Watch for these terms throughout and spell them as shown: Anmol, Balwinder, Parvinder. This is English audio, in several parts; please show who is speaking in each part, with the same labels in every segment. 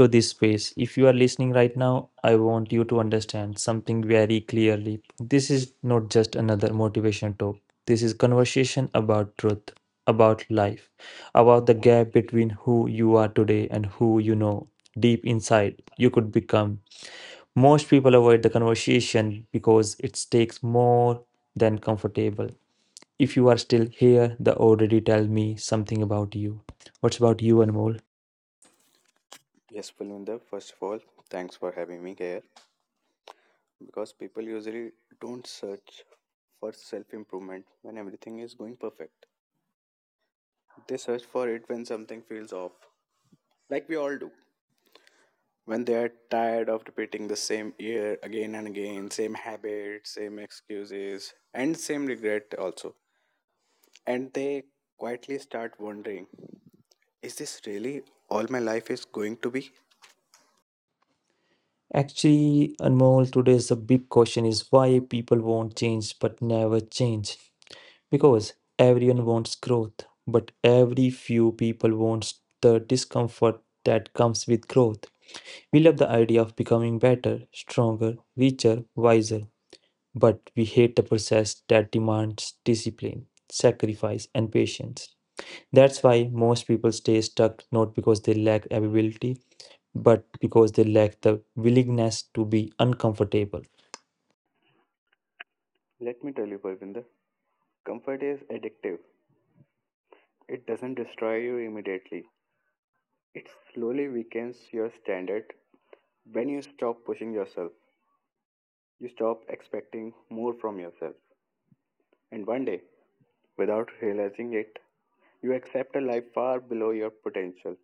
Speaker 1: to this space. If you are listening right now, I want you to understand something very clearly. This is not just another motivation talk. This is conversation about truth, about life, about the gap between who you are today and who you know deep inside you could become. Most people avoid the conversation because it takes more than comfortable. If you are still here, the already tell me something about you. What's about you, Anmol?
Speaker 2: Yes, Pulvinder, first of all, thanks for having me here because people usually don't search for self improvement when everything is going perfect. They search for it when something feels off, like we all do. When they are tired of repeating the same year again and again, same habits, same excuses, and same regret also. And they quietly start wondering, is this really all my life is going to be?
Speaker 1: Actually, Anmol, today's the big question is why people want change but never change. Because everyone wants growth, but every few people wants the discomfort that comes with growth. We love the idea of becoming better, stronger, richer, wiser, but we hate the process that demands discipline, sacrifice, and patience. That's why most people stay stuck not because they lack ability but because they lack the willingness to be uncomfortable.
Speaker 2: Let me tell you, Parvinder, comfort is addictive. It doesn't destroy you immediately. It slowly weakens your standard. When you stop pushing yourself, you stop expecting more from yourself. And one day, without realizing it, you accept a life far below your potential.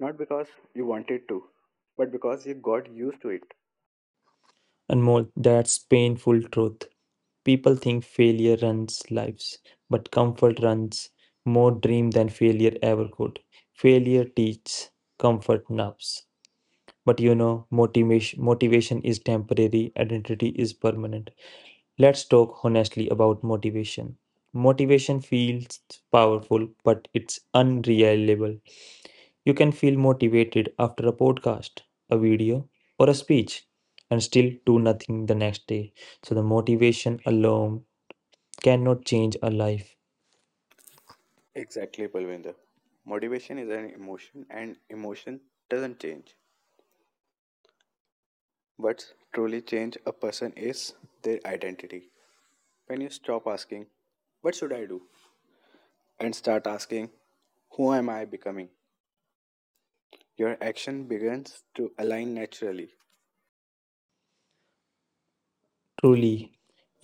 Speaker 2: Not because you wanted to, but because you got used to it.
Speaker 1: And more, that's painful truth. People think failure runs lives, but comfort runs more dream than failure ever could. Failure teaches comfort nerves. But you know, motivation is temporary, identity is permanent. Let's talk honestly about motivation. Motivation feels powerful, but it's unreliable. You can feel motivated after a podcast, a video, or a speech and still do nothing the next day. So, the motivation alone cannot change a life.
Speaker 2: Exactly, Palvinder. Motivation is an emotion, and emotion doesn't change. What truly changes a person is their identity. When you stop asking, what should I do? And start asking, who am I becoming? Your action begins to align naturally. Truly,
Speaker 1: Truly,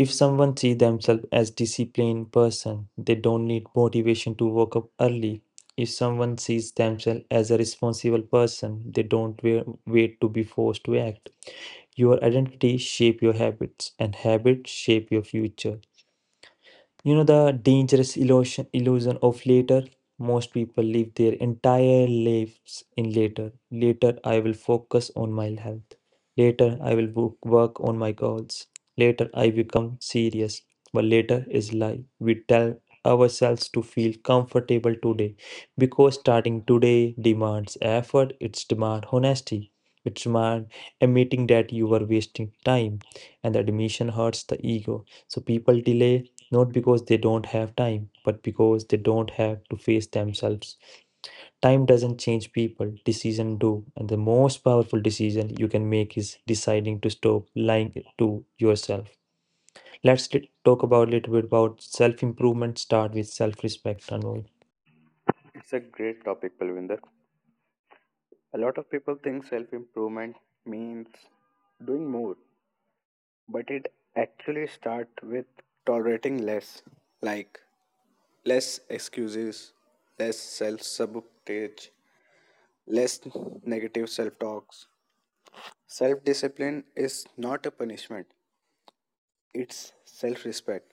Speaker 1: if
Speaker 2: some
Speaker 1: someone sees themselves as disciplined person, they don't need motivation to wake up early. If someone sees themselves as a responsible person, they don't wait to be forced to act. Your identity shape your habits and habits shape your future. You know the dangerous illusion of later? Most people live their entire lives in later. Later I will focus on my health. Later I will work on my goals. Later I become serious. But later is lie. We tell ourselves to feel comfortable today because starting today demands effort, it's demand honesty. It demand admitting that you are wasting time and the admission hurts the ego. So people delay not because they don't have time, but because they don't have to face themselves. Time doesn't change people, decision do. And the most powerful decision you can make is deciding to stop lying to yourself. Let's talk about a little bit about self-improvement start with self-respect Anmol.
Speaker 2: It's a great topic, Palvinder. A lot of people think self improvement means doing more, but it actually starts with tolerating less, like less excuses, less self sabotage, less negative self talks. Self discipline is not a punishment, it's self respect.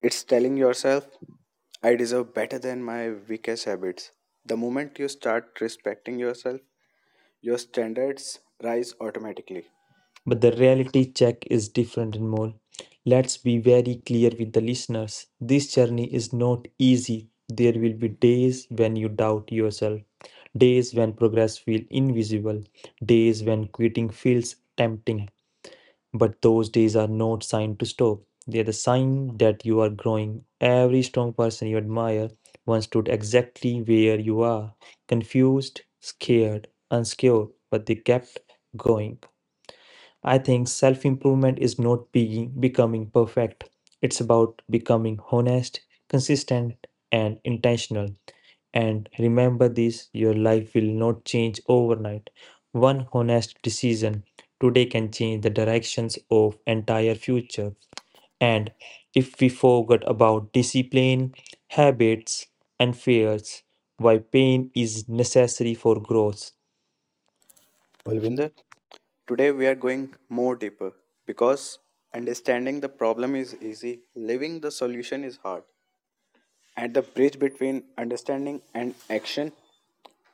Speaker 2: It's telling yourself, I deserve better than my weakest habits. The moment you start respecting yourself, your standards rise automatically.
Speaker 1: But the reality check is different Anmol. Let's be very clear with the listeners. This journey is not easy. There will be days when you doubt yourself. Days when progress feels invisible, days when quitting feels tempting. But those days are not sign to stop. They are the sign that you are growing. Every strong person you admire once stood exactly where you are, confused, scared, unsecure, but they kept going. I think self improvement is not being, becoming perfect. It's about becoming honest, consistent, and intentional. And remember this your life will not change overnight. One honest decision today can change the directions of entire future. And if we forget about discipline, habits, and fears, why pain is necessary for growth.
Speaker 2: Pulvinder,
Speaker 1: Parvinder?
Speaker 2: today we are going more deeper because understanding the problem is easy, living the solution is hard. And the bridge between understanding and action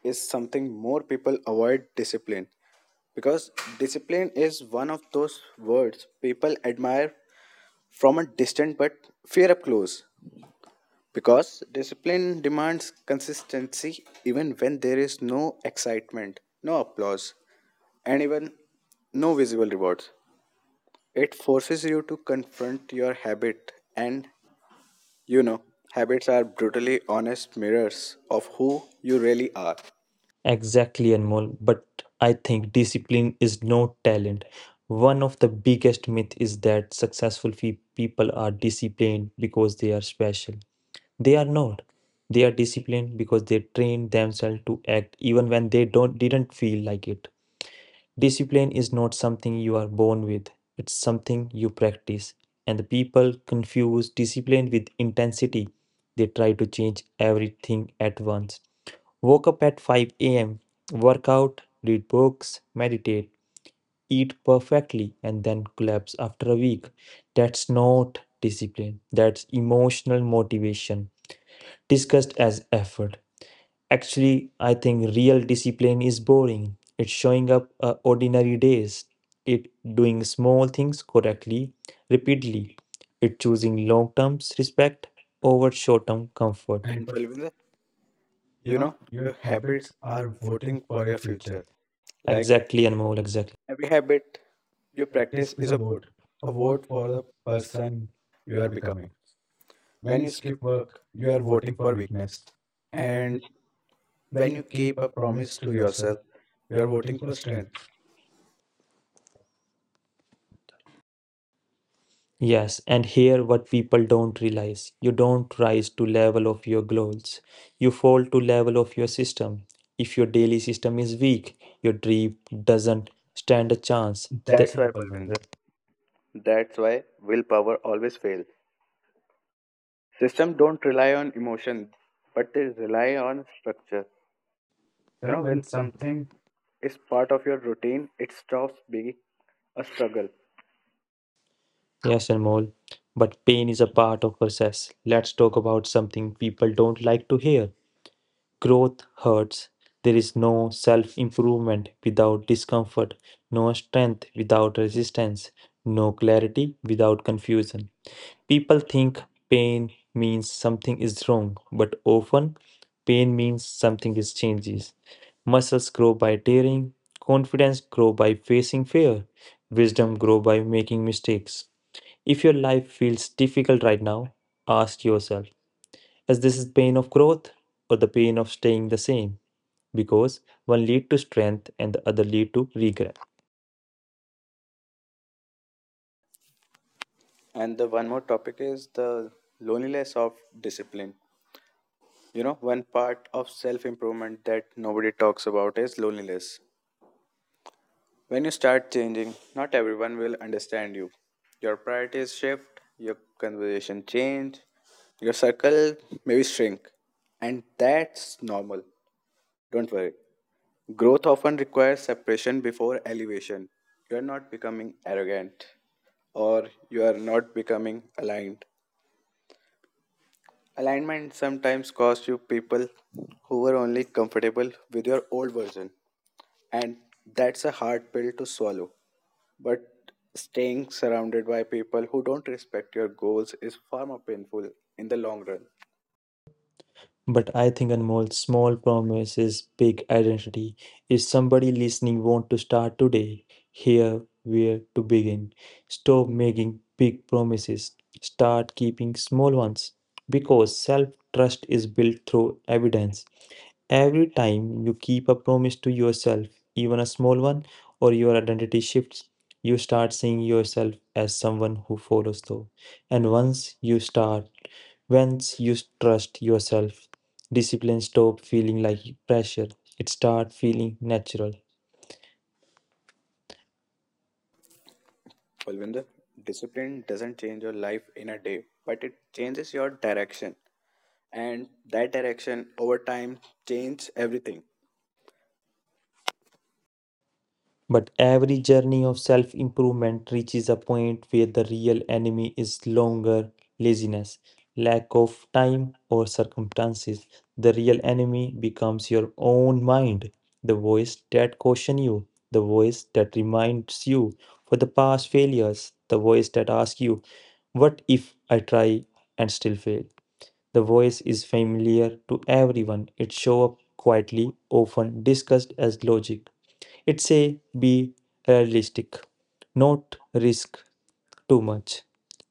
Speaker 2: is something more people avoid discipline because discipline is one of those words people admire from a distant but fear up close. Because discipline demands consistency even when there is no excitement, no applause, and even no visible rewards. It forces you to confront your habit, and you know, habits are brutally honest mirrors of who you really are.
Speaker 1: Exactly, Anmol. But I think discipline is no talent. One of the biggest myth is that successful people are disciplined because they are special. They are not. They are disciplined because they train themselves to act even when they don't didn't feel like it. Discipline is not something you are born with. It's something you practice. And the people confuse discipline with intensity. They try to change everything at once. Woke up at 5 a.m., work out, read books, meditate, eat perfectly, and then collapse after a week. That's not discipline. That's emotional motivation discussed as effort. Actually, I think real discipline is boring. It's showing up ordinary days. It doing small things correctly, repeatedly. It choosing long-term respect over short-term comfort. And
Speaker 2: And
Speaker 1: but
Speaker 2: Palvinder,
Speaker 1: you know, your
Speaker 2: your habits
Speaker 1: habits are
Speaker 2: are
Speaker 1: voting
Speaker 2: voting
Speaker 1: for
Speaker 2: for
Speaker 1: your
Speaker 2: your
Speaker 1: future.
Speaker 2: future.
Speaker 1: Exactly,
Speaker 2: Exactly,
Speaker 1: and
Speaker 2: Anu,
Speaker 1: more exactly.
Speaker 2: every habit
Speaker 1: Your
Speaker 2: you
Speaker 1: practice
Speaker 2: practice
Speaker 1: is
Speaker 2: is
Speaker 1: a
Speaker 2: a
Speaker 1: vote
Speaker 2: vote
Speaker 1: for
Speaker 2: for
Speaker 1: the
Speaker 2: the person
Speaker 1: person you
Speaker 2: you
Speaker 1: are
Speaker 2: are
Speaker 1: becoming.
Speaker 2: becoming.
Speaker 1: When
Speaker 2: When
Speaker 1: you
Speaker 2: you skip
Speaker 1: skip work,
Speaker 2: work,
Speaker 1: you
Speaker 2: you
Speaker 1: are
Speaker 2: are
Speaker 1: voting
Speaker 2: voting
Speaker 1: for
Speaker 2: for weakness.
Speaker 1: weakness, and
Speaker 2: And
Speaker 1: when
Speaker 2: when
Speaker 1: you
Speaker 2: you
Speaker 1: keep
Speaker 2: keep
Speaker 1: a
Speaker 2: a
Speaker 1: promise
Speaker 2: promise
Speaker 1: to
Speaker 2: to
Speaker 1: yourself,
Speaker 2: yourself,
Speaker 1: you
Speaker 2: you
Speaker 1: are
Speaker 2: are
Speaker 1: voting
Speaker 2: voting
Speaker 1: for
Speaker 2: for strength.
Speaker 1: strength. Yes, and here what people don't realize, you don't rise to level of your goals. You fall to level of your system. If your daily system is weak, your dream doesn't stand a chance.
Speaker 2: That's
Speaker 1: Why
Speaker 2: why,
Speaker 1: Balwinder,
Speaker 2: Parvinder. That's why willpower always fails. System don't rely on emotion, but they rely on structure.
Speaker 1: you know, when
Speaker 2: When something
Speaker 1: something.
Speaker 2: is part of your routine, it stops being a struggle.
Speaker 1: Yes, Anmol. But pain is a part of process. Let's talk about something people don't like to hear. Growth hurts. There is no self improvement without discomfort, no strength without resistance, no clarity without confusion. People think pain means something is wrong, but often pain means something is changes. Muscles grow by tearing, confidence grow by facing fear, wisdom grow by making mistakes. If your life feels difficult right now, ask yourself as this is pain of growth or the pain of staying the same because one lead to strength and the other lead to regret
Speaker 2: And the one more topic is the loneliness of discipline. One part of self improvement that nobody talks about is loneliness. When you start changing, not everyone will understand you. Your priorities shift, your conversation change, your circle maybe shrink. And that's normal. Don't worry. Growth often requires separation before elevation. You are not becoming arrogant or you are not becoming aligned. Alignment sometimes costs you people who were only comfortable with your old version. And that's a hard pill to swallow. But staying surrounded by people who don't respect your goals is far more painful in the long run.
Speaker 1: but I think anmol's small promises big identity if somebody listening want to start today here where to begin stop making big promises start keeping small ones because self trust is built through evidence. Every time you keep a promise to yourself, even a small one, or your identity shifts, you start seeing yourself as someone who follows through. And once you start, once you trust yourself, discipline stop feeling like pressure. It start feeling natural.
Speaker 2: Balwinder, discipline doesn't change your life in a day, but it changes your direction. And that direction over time changes everything.
Speaker 1: But every journey of self improvement reaches a point where the real enemy is longer laziness, lack of time, or circumstances. The real enemy becomes your own mind, the voice that cautions you, the voice that reminds you for the past failures, the voice that asks you, what if I try and still fail? The voice is familiar to everyone. It shows up quietly, often discussed as logic it's a be realistic, not risk too much.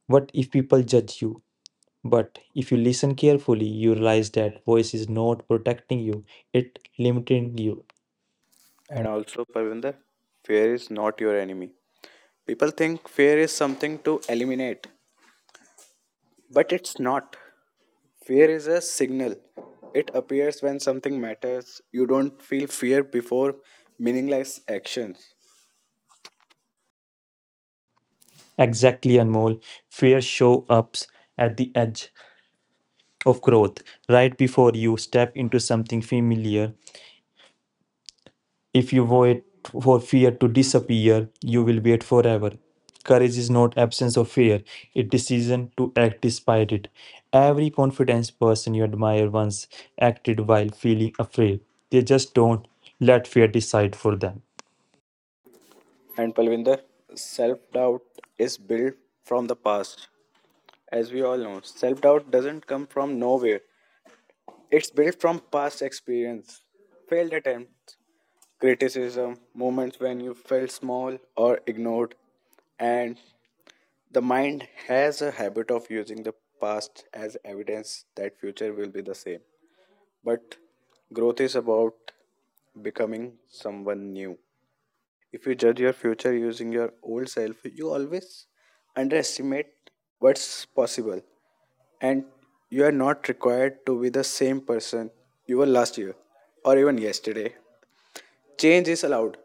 Speaker 1: What if people judge you? But if you listen carefully, you realize that voice is not protecting you, it limiting you.
Speaker 2: And also, Parvinder, fear is not your enemy. People think fear is something to eliminate, but it's not. Fear is a signal. It appears when something matters. You don't feel fear before meaningless actions.
Speaker 1: Exactly, Anmol. Fear show ups at the edge of growth, right before you step into something familiar. If you wait for fear to disappear, you will wait forever. Courage is not absence of fear, it decision to act despite it. Every confident person you admire once acted while feeling afraid. They just don't let fear decide for them.
Speaker 2: And Palvinder, self doubt is built from the past. As we all know, self doubt doesn't come from nowhere, it's built from past experience, failed attempts, criticism, moments when you felt small or ignored. And the mind has a habit of using the past as evidence that future will be the same. But growth is about becoming someone new. If you judge your future using your old self, you always underestimate what's possible. And you are not required to be the same person you were last year or even yesterday. Change is allowed.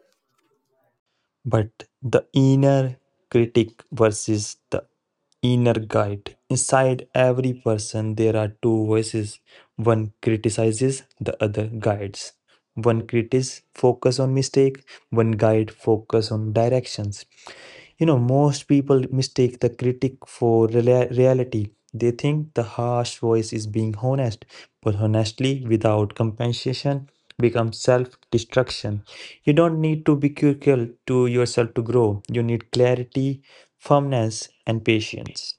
Speaker 1: But the inner critic versus the inner guide. Inside every person, there are two voices. One criticizes, the other guides. One critic focus on mistake, one guide focus on directions. You know, most people mistake the critic for reality. They think the harsh voice is being honest, but honestly, without compensation, becomes self destruction. You don't need to be critical to yourself to grow, you need clarity, firmness, and patience.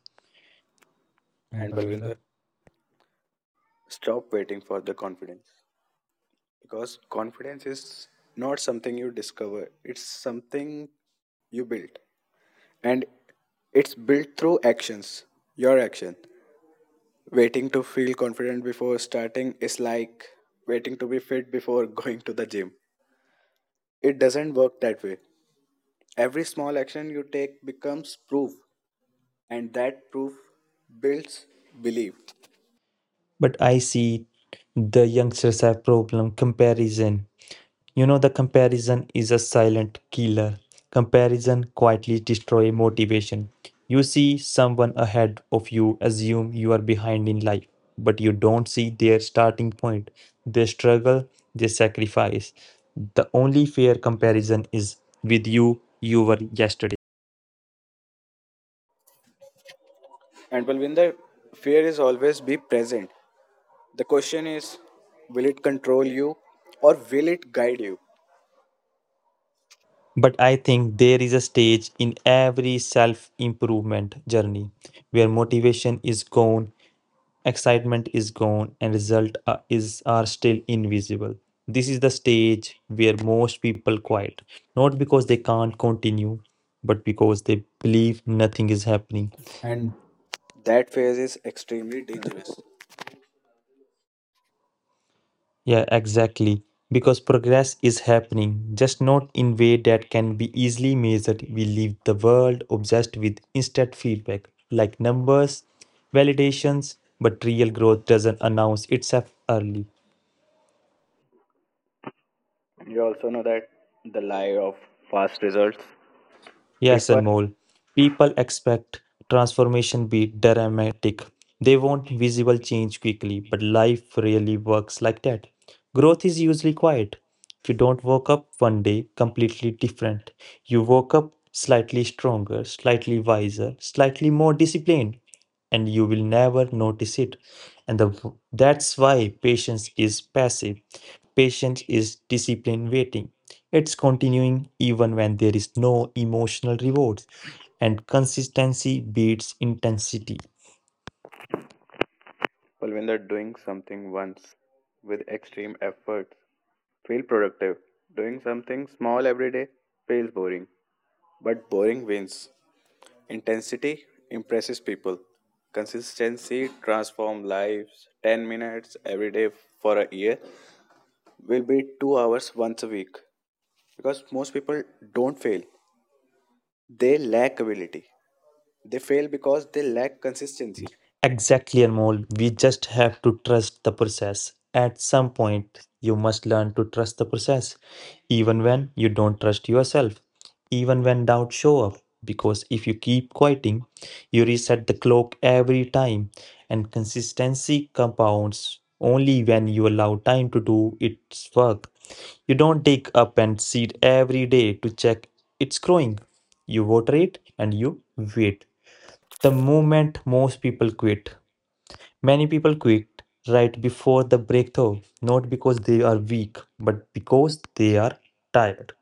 Speaker 1: And
Speaker 2: And Palvinder,
Speaker 1: Parvinder?
Speaker 2: stop waiting for the confidence. Because confidence is not something you discover, it's something you build. And it's built through actions, your action. Waiting to feel confident before starting is like waiting to be fit before going to the gym. It doesn't work that way. Every small action you take becomes proof, and that proof builds belief.
Speaker 1: But I see the youngsters have problem comparison. You know, the comparison is a silent killer. Comparison quietly destroys motivation. You see someone ahead of you, assume you are behind in life, but you don't see their starting point, their struggle, their sacrifice. The only fair comparison is with you, you were yesterday.
Speaker 2: And Balvinder, fear is always be present. The question is, will it control you or will it guide you?
Speaker 1: But I think there is a stage in every self improvement journey where motivation is gone excitement is gone and result are, is are still invisible this is the stage where most people quiet not because they can't continue but because they believe nothing is happening.
Speaker 2: And
Speaker 1: And
Speaker 2: that phase is extremely dangerous.
Speaker 1: yeah exactly because progress is happening just not in way that can be easily measured we live the world obsessed with instant feedback like numbers validations but real growth doesn't announce itself early.
Speaker 2: You also know that the lie of fast results. Yes.
Speaker 1: Yes,
Speaker 2: People
Speaker 1: Anmol. People expect transformation be dramatic. They want visible change quickly, but life really works like that. Growth is usually quiet. You don't wake up one day completely different. You woke up slightly stronger, slightly wiser, slightly more disciplined, and you will never notice it. And the, that's why patience is passive. Patience is discipline waiting. It's continuing even when there is no emotional reward, and consistency beats intensity.
Speaker 2: Well, when they're doing something once with extreme efforts, feel productive. Doing something small every day feels boring. But boring wins. Intensity impresses people. Consistency transforms lives. 10 minutes every day for a year will be 2 hours once a week. Because most people don't fail, they lack ability. They fail because they lack consistency.
Speaker 1: Exactly, Anmol. We just have to trust the process. At some point, you must learn to trust the process, even when you don't trust yourself, even when doubts show up. Because if you keep quieting, you reset the clock every time, and consistency compounds only when you allow time to do its work. You don't dig up and seed every day to check it's growing. You water it and you wait. The moment most people quit many people quit right before the breakthrough, not because they are weak, but because they are tired.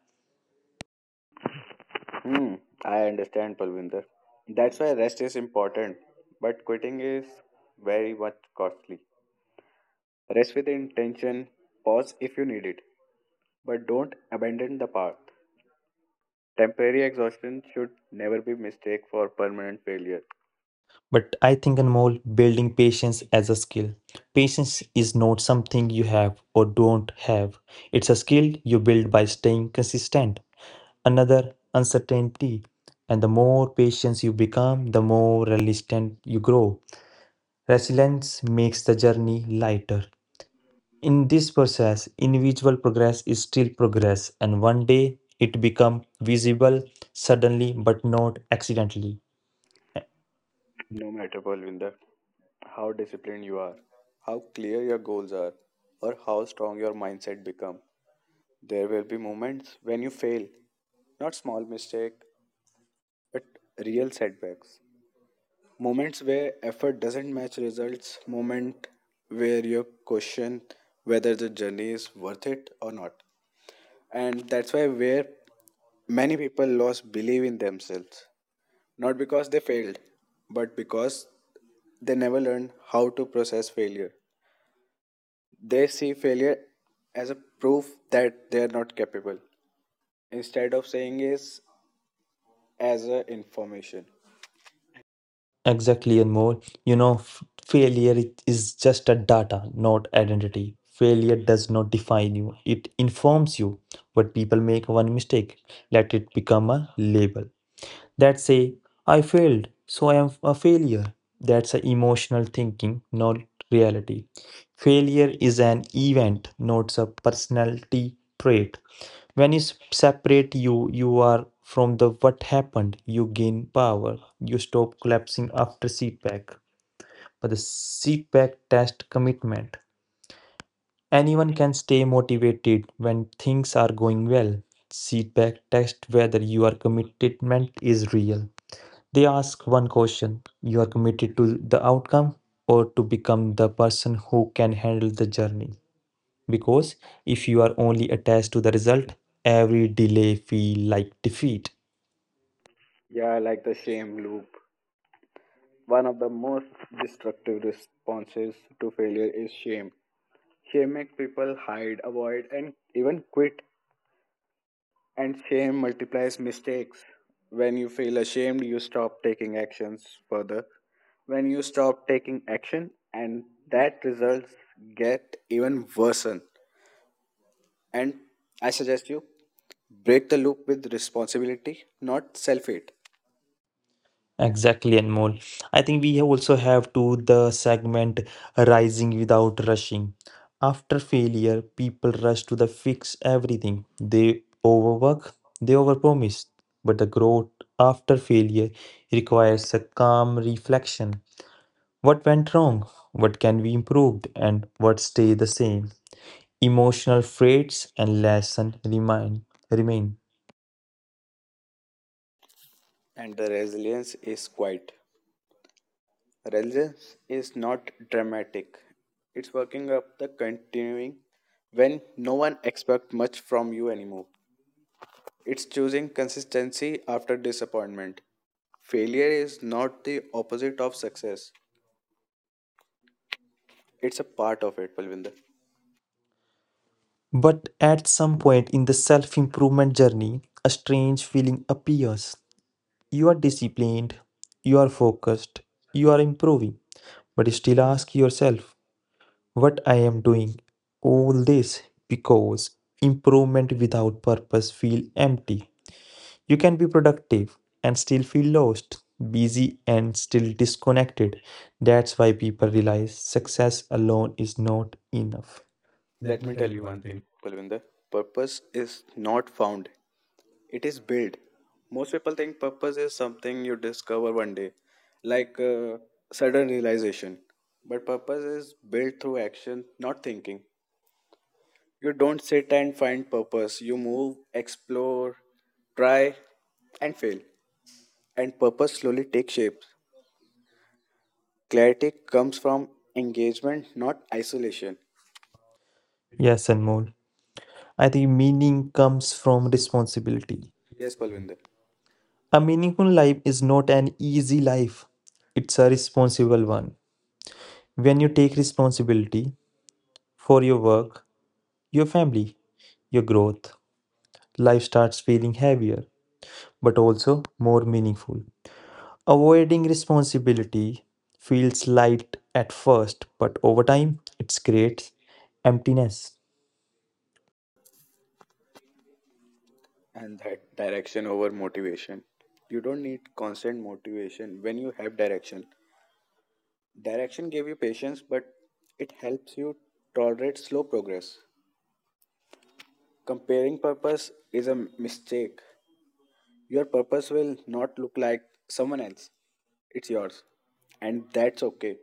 Speaker 2: Hmm, I understand, Palvinder. That's why rest is important, but quitting is very much costly. Rest with intention, pause if you need it, but don't abandon the path. Temporary exhaustion should never be mistake for permanent failure.
Speaker 1: But I think Anmol, building patience as a skill. Patience is not something you have or don't have. It's a skill you build by staying consistent. Another uncertainty. And the more patient you become, the more resistant you grow.
Speaker 2: Resilience,
Speaker 1: Resilience makes the journey lighter. In this process, individual progress is still progress, and one day it become visible suddenly but not accidentally.
Speaker 2: no matter, Palvinder, how disciplined you are, how clear your goals are, or how strong your mindset become. There will be moments when you fail, not small mistake, but real setbacks. Moments where effort doesn't match results, moment where you question whether the journey is worth it or not. And that's why where many people lost belief in themselves. Not because they failed, but because they never learned how to process failure. They see failure as a proof that they are not capable instead of saying is as a information.
Speaker 1: Exactly, and more. You know, failure it is just a data, not identity. Failure does not define you, it informs you. But people make one mistake, let it become a label. That say, I failed, so I am a failure. That's a emotional thinking, not reality. Failure is an event, not a personality trait. When you separate you are from the what happened, you gain power. You stop collapsing after setback. But the setback test commitment. Anyone can stay motivated when things are going well. Setback test whether your commitment is real. They ask one question, you are committed to the outcome or to become the person who can handle the journey? Because if you are only attached to the result, every delay feel like defeat.
Speaker 2: Yeah, like the shame loop. One of the most destructive responses to failure is shame. Shame makes people hide, avoid, and even quit. And shame multiplies mistakes. When you feel ashamed, you stop taking actions further. When you stop taking action, and that results get even worsen. And I suggest you break the loop with responsibility, not self hate.
Speaker 1: Exactly, Anmol. I think we have also have to the segment rising without rushing. After failure, people rush to the fix everything. They overwork, they overpromise. But the growth after failure requires a calm reflection. What went wrong? What can be improved and what stay the same? Emotional freights and lesson remain.
Speaker 2: And the resilience is quite. Resilience is not dramatic. It's working up the continuing when no one expects much from you anymore. It's choosing consistency after disappointment. Failure is not the opposite of success. It's a part of it, Palvinder.
Speaker 1: But at some point in the self-improvement journey, a strange feeling appears. You are disciplined, you are focused, you are improving, but still ask yourself, what I am doing all this because improvement without purpose feel empty. You can be productive and still feel lost, busy and still disconnected. That's why people realize success alone is not enough. Let
Speaker 2: Let
Speaker 1: me
Speaker 2: me
Speaker 1: tell
Speaker 2: tell
Speaker 1: you
Speaker 2: you
Speaker 1: one
Speaker 2: one
Speaker 1: thing.
Speaker 2: thing, Palvinder. Purpose is not found. It is built. Most people think purpose is something you discover one day, like sudden realization. But purpose is built through action, not thinking. You don't sit and find purpose. You move, explore, try, and fail. And purpose slowly takes shape. Clarity comes from engagement, not isolation.
Speaker 1: Yes, Anmol. I think meaning comes from responsibility.
Speaker 2: Yes, Palvinder.
Speaker 1: A meaningful life is not an easy life, it's a responsible one. When you take responsibility for your work, your family, your growth, life starts feeling heavier but also more meaningful. Avoiding responsibility feels light at first, but over time it creates emptiness.
Speaker 2: And that direction over motivation. You don't need constant motivation when you have direction. Direction gave you patience, but it helps you tolerate slow progress. Comparing purpose is a mistake. Your purpose will not look like someone else, it's yours, and that's okay.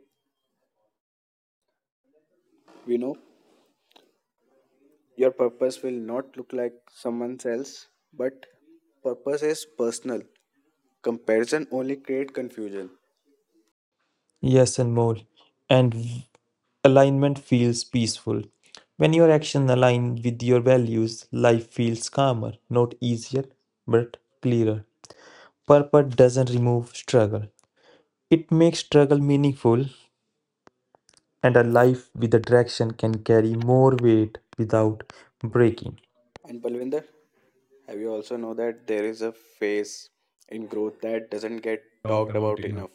Speaker 2: We know your purpose will not look like someone else, but purpose is personal. Comparison only creates confusion.
Speaker 1: Yes, and more. And alignment feels peaceful. When your actions align with your values, life feels calmer, not easier, but clearer. Purpose doesn't remove struggle, it makes struggle meaningful, and a life with a
Speaker 2: That
Speaker 1: direction
Speaker 2: something
Speaker 1: can
Speaker 2: can
Speaker 1: carry more
Speaker 2: more
Speaker 1: weight
Speaker 2: weight without
Speaker 1: without breaking.
Speaker 2: breaking. And Balvinder, have you also know that there is a phase in growth that doesn't get
Speaker 1: Talked
Speaker 2: talked
Speaker 1: about
Speaker 2: about
Speaker 1: enough.
Speaker 2: enough?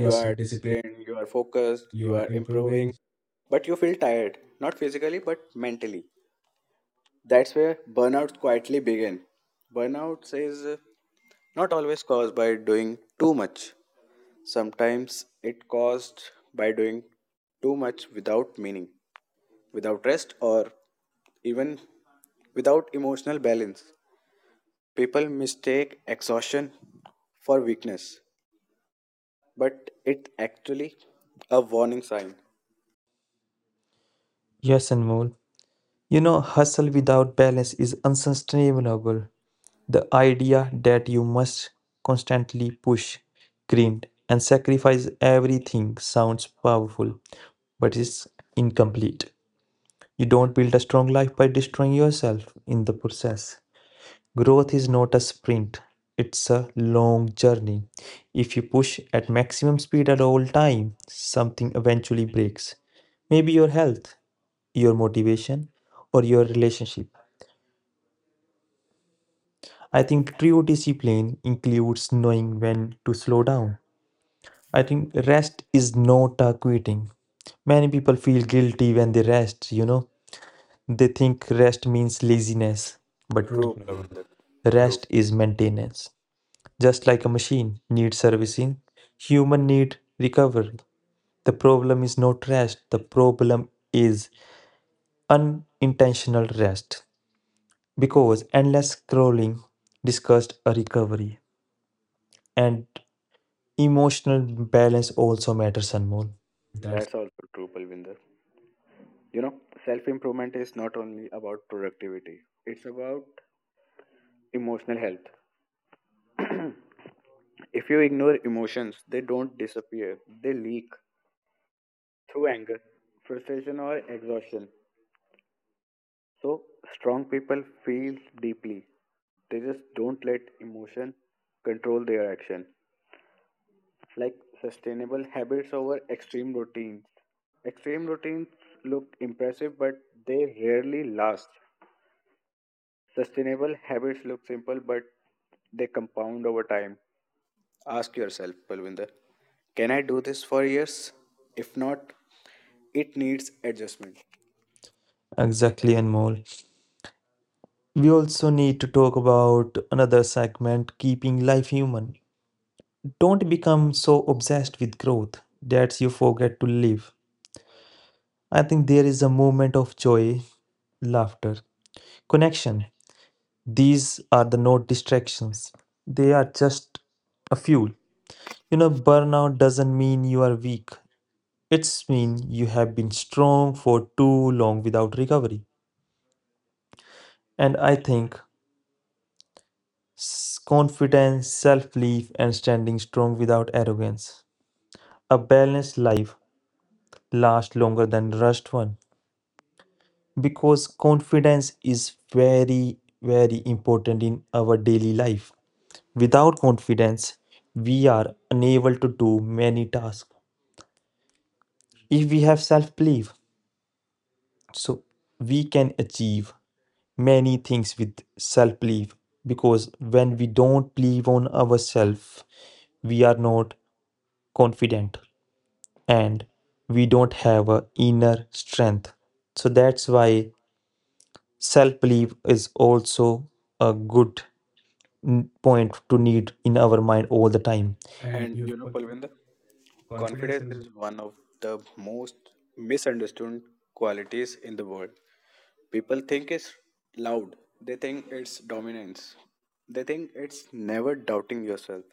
Speaker 2: You are
Speaker 1: But discipline.
Speaker 2: trained, you are focused,
Speaker 1: You
Speaker 2: you
Speaker 1: are
Speaker 2: are
Speaker 1: improving.
Speaker 2: improving, but you feel tired, not physically but mentally. That's where burnout quietly begin. Burnout is not always caused by doing too much. Sometimes it caused by doing too much without meaning, without rest, or even without emotional balance. People mistake exhaustion for weakness, but it's actually a warning sign.
Speaker 1: Yes, Anmol. Hustle without balance is unsustainable. The idea that you must constantly push, grind, and sacrifice everything sounds powerful, but it's incomplete. You don't build a strong life by destroying yourself in the process. Growth is not a sprint, it's a long journey. If you push at maximum speed at all time, something eventually breaks. Maybe your health, your motivation, or your relationship. I think true discipline includes knowing when to slow down. I think rest is not a quitting. Many people feel guilty when they rest. They think rest means laziness, but true.
Speaker 2: True, Palvinder. True.
Speaker 1: Rest
Speaker 2: Rest.
Speaker 1: is maintenance. Just like a machine needs servicing, human need recovery. The problem is not rest, the problem is unintentional rest. Because endless scrolling discussed a recovery and emotional balance also matters, Anmol. That's
Speaker 2: That's also true, Palvinder. You know, Self improvement is not only about productivity, it's about emotional health. If you ignore emotions, they don't disappear, they leak through anger, frustration, or exhaustion. So strong people feel deeply. They just don't let emotion control their action. Like sustainable habits over extreme routines. Extreme routines look impressive, but they rarely last. Sustainable habits look simple, but they compound over time. Ask yourself, Palvinder, can I do this for years? If not, it needs adjustment.
Speaker 1: exactly, Anmol. We also need to talk about another segment keeping life human. Don't become so obsessed with growth that you forget to live. I think there is a moment of joy, laughter, connection. These are the no distractions. They are just a fuel. Burnout doesn't mean you are weak. It's mean you have been strong for too long without recovery. And I think confidence, self-belief, and standing strong without arrogance. A balanced life lasts longer than rushed one. Because confidence is very, very important in our daily life. Without confidence, we are unable to do many tasks. If we have self belief, so we can achieve many things with self belief because when we don't believe on ourselves, we are not confident and we don't have a inner strength. So that's why self belief is also a good point to need in our mind all the time. And
Speaker 2: And
Speaker 1: you know,
Speaker 2: Palvinder,
Speaker 1: confidence
Speaker 2: confidence
Speaker 1: is
Speaker 2: is one of the most misunderstood qualities in the world. People think it's loud, they think it's dominance, they think it's never doubting yourself.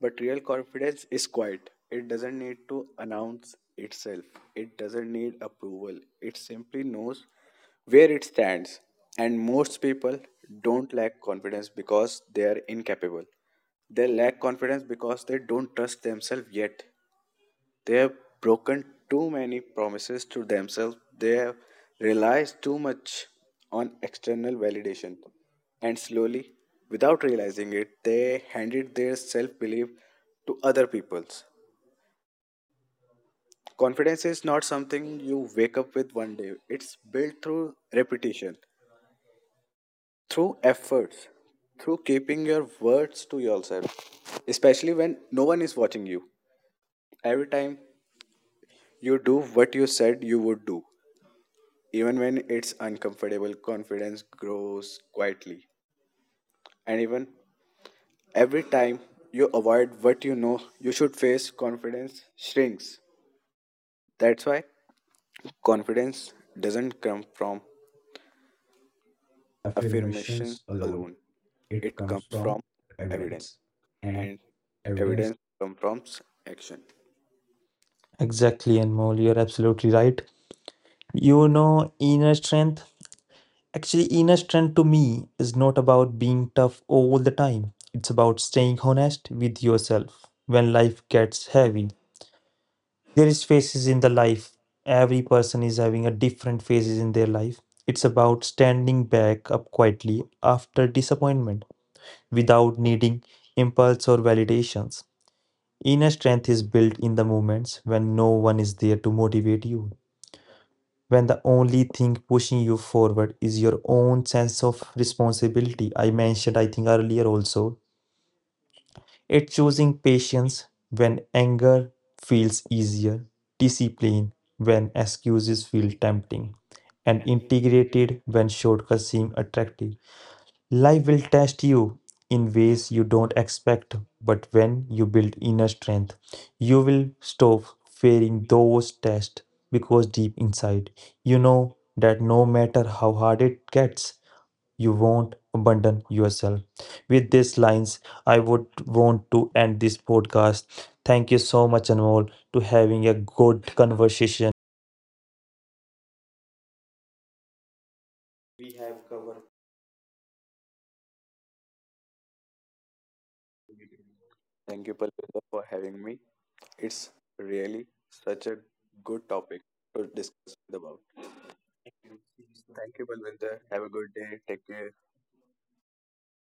Speaker 2: But real confidence is quiet, it doesn't need to announce itself, it doesn't need approval, it simply knows where it stands. And most people don't lack confidence because they are incapable. They lack confidence because they don't trust themselves yet. They have broken too many promises to themselves. They have relied too much on external validation. And slowly, without realizing it, they handed their self belief to other people's. Confidence is not something you wake up with one day, it's built through repetition, through efforts, through keeping your words to yourself, especially when no one is watching you. Every time you do what you said you would do, even when it's uncomfortable, confidence grows quietly. And even every time you avoid what you know you should face, confidence shrinks. That's why confidence doesn't come from affirmations
Speaker 1: affirmations alone.
Speaker 2: alone,
Speaker 1: It
Speaker 2: it
Speaker 1: comes
Speaker 2: comes from
Speaker 1: from
Speaker 2: evidence,
Speaker 1: evidence. And
Speaker 2: and
Speaker 1: evidence
Speaker 2: evidence comes from action.
Speaker 1: exactly, and Anmol, you're absolutely right. You know, inner strength. Actually, inner strength to me is not about being tough all the time. It's about staying honest with yourself when life gets heavy. There is phases in the life, every person is having a different phases in their life. It's about standing back up quietly after disappointment without needing impulse or validations. Inner strength is built in the moments when no one is there to motivate you, when the only thing pushing you forward is your own sense of responsibility. I mentioned, I think earlier also, it's choosing patience when anger feels easier, discipline when excuses feel tempting, and integrated when shortcuts seem attractive. Life will test you in ways you don't expect, but when you build inner strength, you will stop fearing those tests because deep inside, you know that no matter how hard it gets, you won't abandon yourself. With these lines, I would want to end this podcast. Thank you so much, Anmol, to having a good conversation.
Speaker 2: We have covered. Thank you, Palpita, for having me. It's really such a good topic to discuss about. Thank you, Balwinder. Have a good day. Take care.